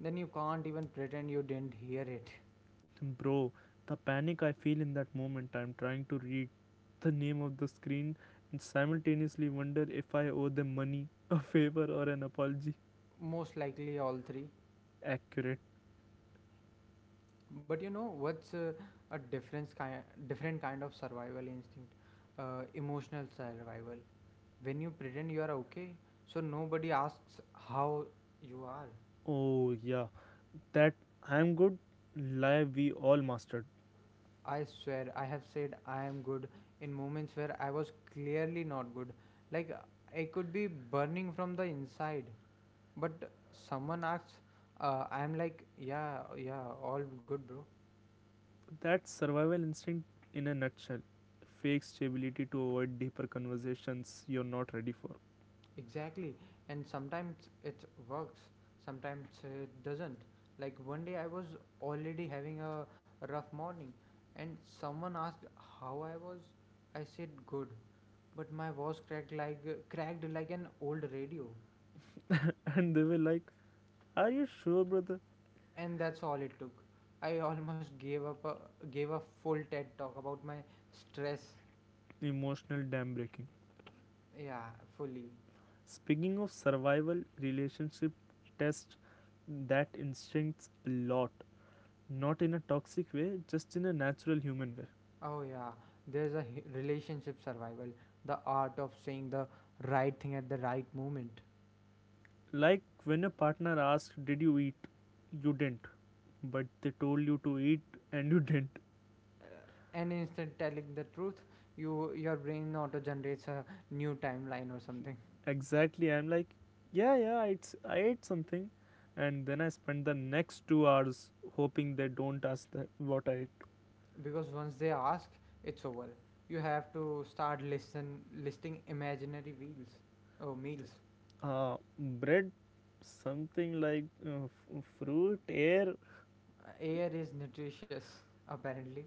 Speaker 1: then you can't even pretend you didn't hear it.
Speaker 2: Bro, the panic I feel in that moment, I'm trying to read the name of the screen and simultaneously wonder if I owe them money, a favor, or an apology.
Speaker 1: Most likely all three.
Speaker 2: Accurate.
Speaker 1: But you know what's a difference kind different kind of survival instinct, emotional survival, when you pretend you are okay so nobody asks how you are.
Speaker 2: Oh, yeah. That I'm good lie we all mastered.
Speaker 1: I swear I have said I am good in moments where I was clearly not good. Like, I could be burning from the inside, but someone asks, I'm like, yeah, all good, bro."
Speaker 2: That's survival instinct in a nutshell. Fake stability to avoid deeper conversations you're not ready for.
Speaker 1: Exactly, and sometimes it works, sometimes it doesn't. Like one day I was already having a rough morning, and someone asked how I was. I said good, but my voice cracked like an old radio,
Speaker 2: And they were like, are you sure, brother?
Speaker 1: and that's all it took. I almost gave a full TED talk about my stress.
Speaker 2: Emotional dam breaking.
Speaker 1: Yeah, fully.
Speaker 2: Speaking of survival, relationship test that instincts a lot. Not in a toxic way, just in a natural human way.
Speaker 1: Oh yeah, there's a relationship survival, the art of saying the right thing at the right moment.
Speaker 2: Like when a partner asks, did you eat? You didn't. But they told you to eat and you didn't.
Speaker 1: And instead telling the truth, you, your brain auto generates a new timeline or something.
Speaker 2: Exactly. I'm like, yeah, yeah, it's, I ate something. And then I spend the next 2 hours hoping they don't ask that what I ate.
Speaker 1: Because once they ask, it's over. You have to start listen listing imaginary wheels, oh, meals.
Speaker 2: Bread, something like fruit, air.
Speaker 1: Air is nutritious apparently.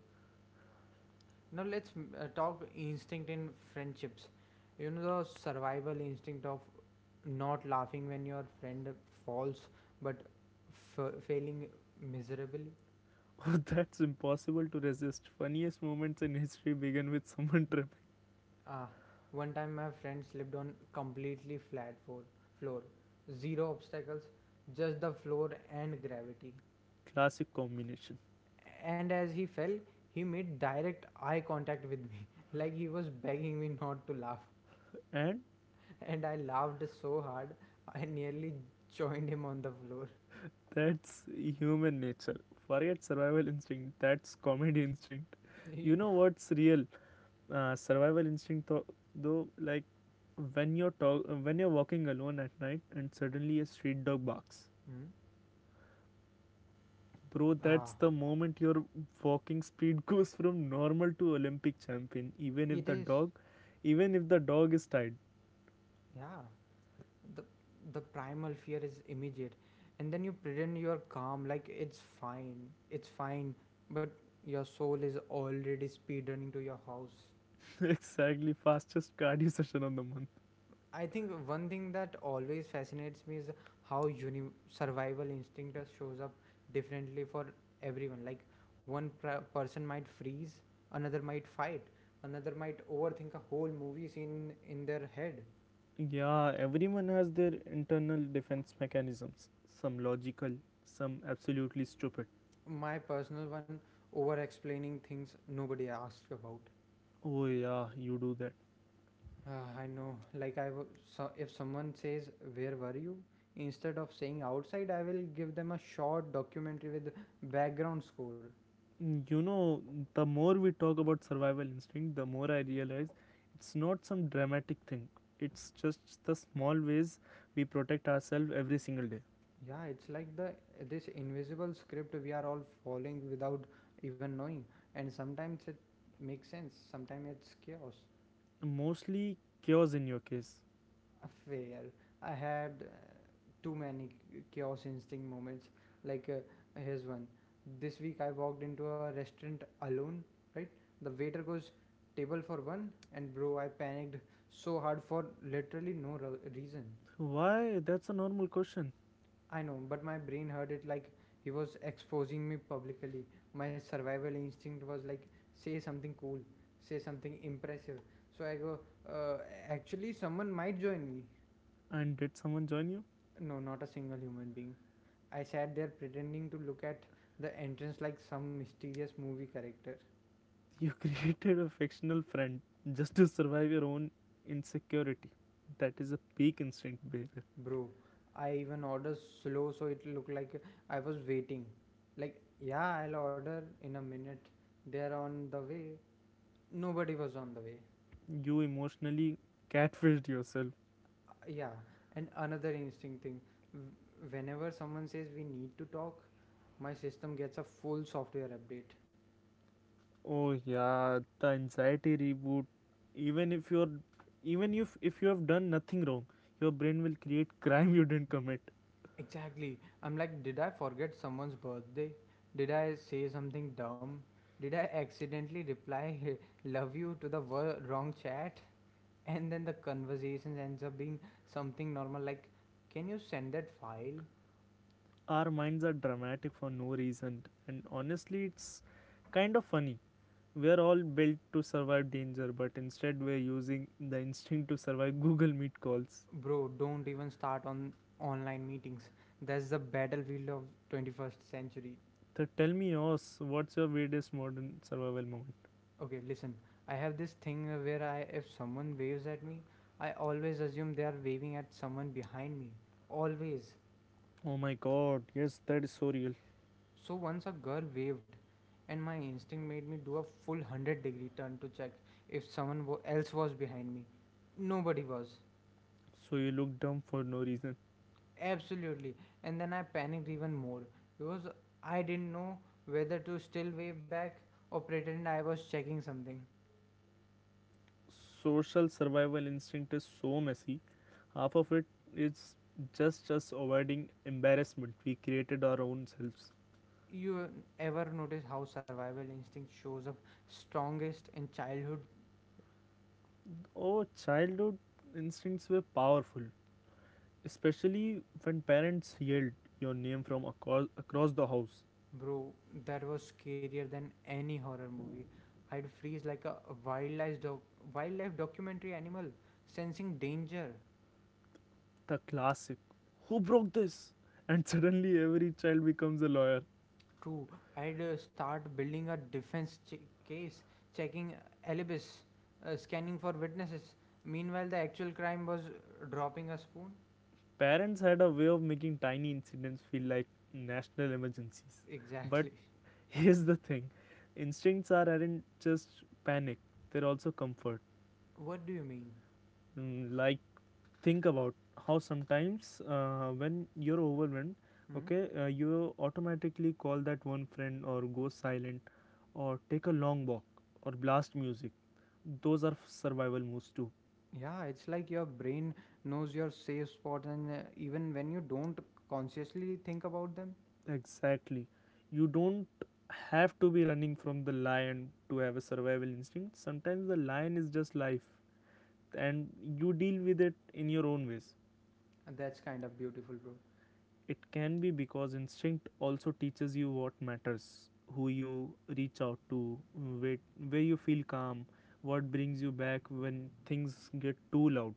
Speaker 1: Now let's talk instinct in friendships. You know, the survival instinct of not laughing when your friend falls, but failing miserably.
Speaker 2: Oh, that's impossible to resist. Funniest moments in history begin with someone tripping.
Speaker 1: Ah, one time my friend slipped on completely floor, zero obstacles, just the floor and gravity.
Speaker 2: Classic combination.
Speaker 1: And as he fell, he made direct eye contact with me, like he was begging me not to laugh.
Speaker 2: And
Speaker 1: And I laughed so hard, I nearly joined him on the floor.
Speaker 2: that's human nature. Forget survival instinct. That's comedy instinct.
Speaker 1: He,
Speaker 2: You know what's real? Survival instinct, though, like when you're walking alone at night and suddenly a street dog barks.
Speaker 1: hmm?
Speaker 2: Bro, that's
Speaker 1: Ah,
Speaker 2: the moment your walking speed goes from normal to Olympic champion,
Speaker 1: it is,
Speaker 2: even if the dog is tied.
Speaker 1: yeah. The primal fear is immediate, and then you pretend you're calm, like it's fine, it's fine, but your soul is already speed running to your house.
Speaker 2: Exactly, fastest cardio session on the month.
Speaker 1: I think one thing that always fascinates me is how survival instinct just shows up differently for everyone. Like, one person might freeze, another might fight, another might overthink a whole movie scene in their head.
Speaker 2: Yeah, everyone has their internal defense mechanisms. Some logical, some absolutely stupid.
Speaker 1: My personal one, over explaining things nobody asked about.
Speaker 2: Oh, yeah, you do that.
Speaker 1: Ah, I know. Like, so if someone says "Where were you?" instead of saying "outside," I will give them a short documentary with background score.
Speaker 2: Mm, you know, the more we talk about survival instinct, the more I realize it's not some dramatic thing. It's just the small ways we protect ourselves every single day.
Speaker 1: Yeah, it's like the this invisible script we are all following without even knowing, and sometimes it makes sense. Sometimes it's chaos.
Speaker 2: Mostly chaos in your case.
Speaker 1: Affair. I had too many chaos instinct moments. Like, here's one. This week I walked into a restaurant alone, right? The waiter goes, "Table for one," and bro, I panicked so hard for literally no reason.
Speaker 2: Why? That's a normal question.
Speaker 1: I know, but my brain heard it like he was exposing me publicly. My survival instinct was like, say something cool, say something impressive. So I go, uh, "Actually, someone might join me."
Speaker 2: And did someone join you?
Speaker 1: No, not a single human being. I sat there pretending to look at the entrance like some mysterious movie character.
Speaker 2: You created a fictional friend just to survive your own insecurity. That is a peak instinct, baby.
Speaker 1: Bro, I even ordered slow so it looked like I was waiting. Like, "Yeah, I'll order in a minute. They're on the way." Nobody was on the way.
Speaker 2: You emotionally catfished yourself.
Speaker 1: Yeah, and another interesting thing, w- whenever someone says "We need to talk," my system gets a full software update.
Speaker 2: Oh yeah, the anxiety reboot. Even if you're, even if you have done nothing wrong, your brain will create crime you didn't commit.
Speaker 1: Exactly. I'm like, did I forget someone's birthday? Did I say something dumb? Did I accidentally reply "love you" to the wrong chat? And then the conversation ends up being something normal like, "Can you send that file?"
Speaker 2: Our minds are dramatic for no reason, and honestly, it's kind of funny. We're all built to survive danger, but instead we're using the instinct to survive Google Meet calls.
Speaker 1: Bro, don't even start on online meetings. That's the battlefield of 21st century.
Speaker 2: So tell me yours. What's your weirdest modern survival moment?
Speaker 1: Okay, listen. I have this thing where I if someone waves at me, I always assume they are waving at someone behind me. Always.
Speaker 2: Oh my god, yes, that is so real.
Speaker 1: So once a girl waved, and my instinct made me do a full 100-degree turn to check if someone else was behind me. Nobody was.
Speaker 2: So you look dumb for no reason.
Speaker 1: Absolutely. And then I panicked even more because I didn't know whether to still wave back or pretend I was checking something.
Speaker 2: Social survival instinct is so messy. Half of it is just us avoiding embarrassment. We created our own selves.
Speaker 1: You ever notice how survival instinct shows up strongest in childhood?
Speaker 2: Oh, childhood instincts were powerful, especially when parents yelled your name from across the house.
Speaker 1: Bro, that was scarier than any horror movie. I'd freeze like a wildlife doc- wildlife documentary animal, sensing danger.
Speaker 2: The classic, who broke this? And suddenly every child becomes a lawyer.
Speaker 1: True, I'd start building a case, checking alibis, scanning for witnesses. Meanwhile, the actual crime was dropping a spoon.
Speaker 2: Parents had a way of making tiny incidents feel like national emergencies. But
Speaker 1: Exactly.
Speaker 2: here's the thing, aren't just panic, they're also comfort.
Speaker 1: What do you mean?
Speaker 2: Mm, like, think about how sometimes when you're overwhelmed,
Speaker 1: Hmm?
Speaker 2: okay, you automatically call that one friend or go silent or take a long walk or blast music. Those are survival moves too.
Speaker 1: Yeah, it's like your brain knows your safe spot, and even when you don't consciously think about them,
Speaker 2: Exactly. You don't have to be running from the lion to have a survival instinct. Sometimes the lion is just life and you deal with it in your own ways.
Speaker 1: that's kind of beautiful, bro.
Speaker 2: It can be, because instinct also teaches you what matters, who you reach out to, wait, where you feel calm, what brings you back when things get too loud.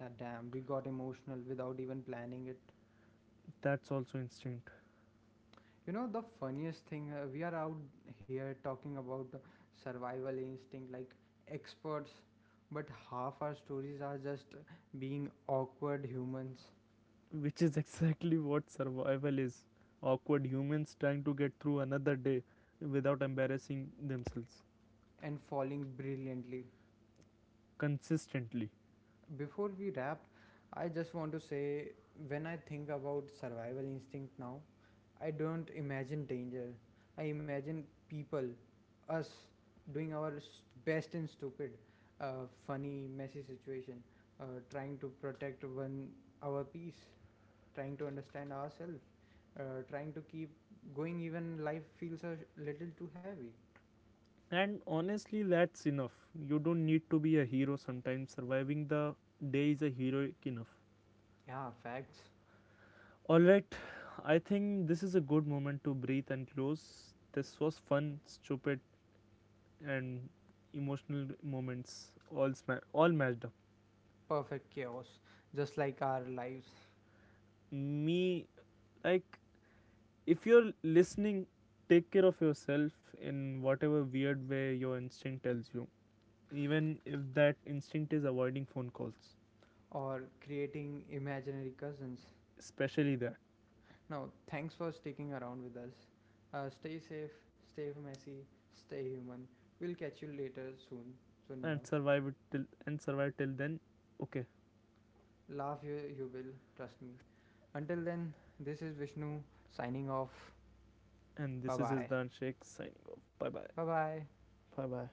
Speaker 1: Yeah, damn, we got emotional without even planning it.
Speaker 2: That's also instinct.
Speaker 1: You know, the funniest thing, we are out here talking about survival instinct like experts, but half our stories are just being awkward humans
Speaker 2: Which is exactly what survival is, awkward humans trying to get through another day without embarrassing themselves
Speaker 1: and falling brilliantly.
Speaker 2: consistently.
Speaker 1: Before we wrap, I just want to say, when I think about survival instinct now, I don't imagine danger. I imagine people, us, doing our best in stupid, funny, messy situation, trying to protect one our peace, trying to understand ourselves, trying to keep going even life feels a little too heavy.
Speaker 2: And honestly, that's enough. You don't need to be a hero. Sometimes surviving the day is a heroic enough.
Speaker 1: Yeah, facts.
Speaker 2: All right, I think this is a good moment to breathe and close. This was fun, stupid, and emotional moments all all matched up.
Speaker 1: Perfect chaos, just like our lives.
Speaker 2: Me, like, if you're listening, take care of yourself in whatever weird way your instinct tells you, even if that instinct is avoiding phone calls.
Speaker 1: Or creating imaginary cousins.
Speaker 2: Especially that.
Speaker 1: Now, thanks for sticking around with us. Stay safe, stay messy, stay human. We'll catch you later soon enough.
Speaker 2: And survive till then, okay.
Speaker 1: Laugh you will, trust me. Until then, this is Vishnu signing off.
Speaker 2: And
Speaker 1: Bye
Speaker 2: this is his
Speaker 1: bye.
Speaker 2: Dan Sheikh signing off, bye bye.
Speaker 1: Bye bye.
Speaker 2: Bye bye.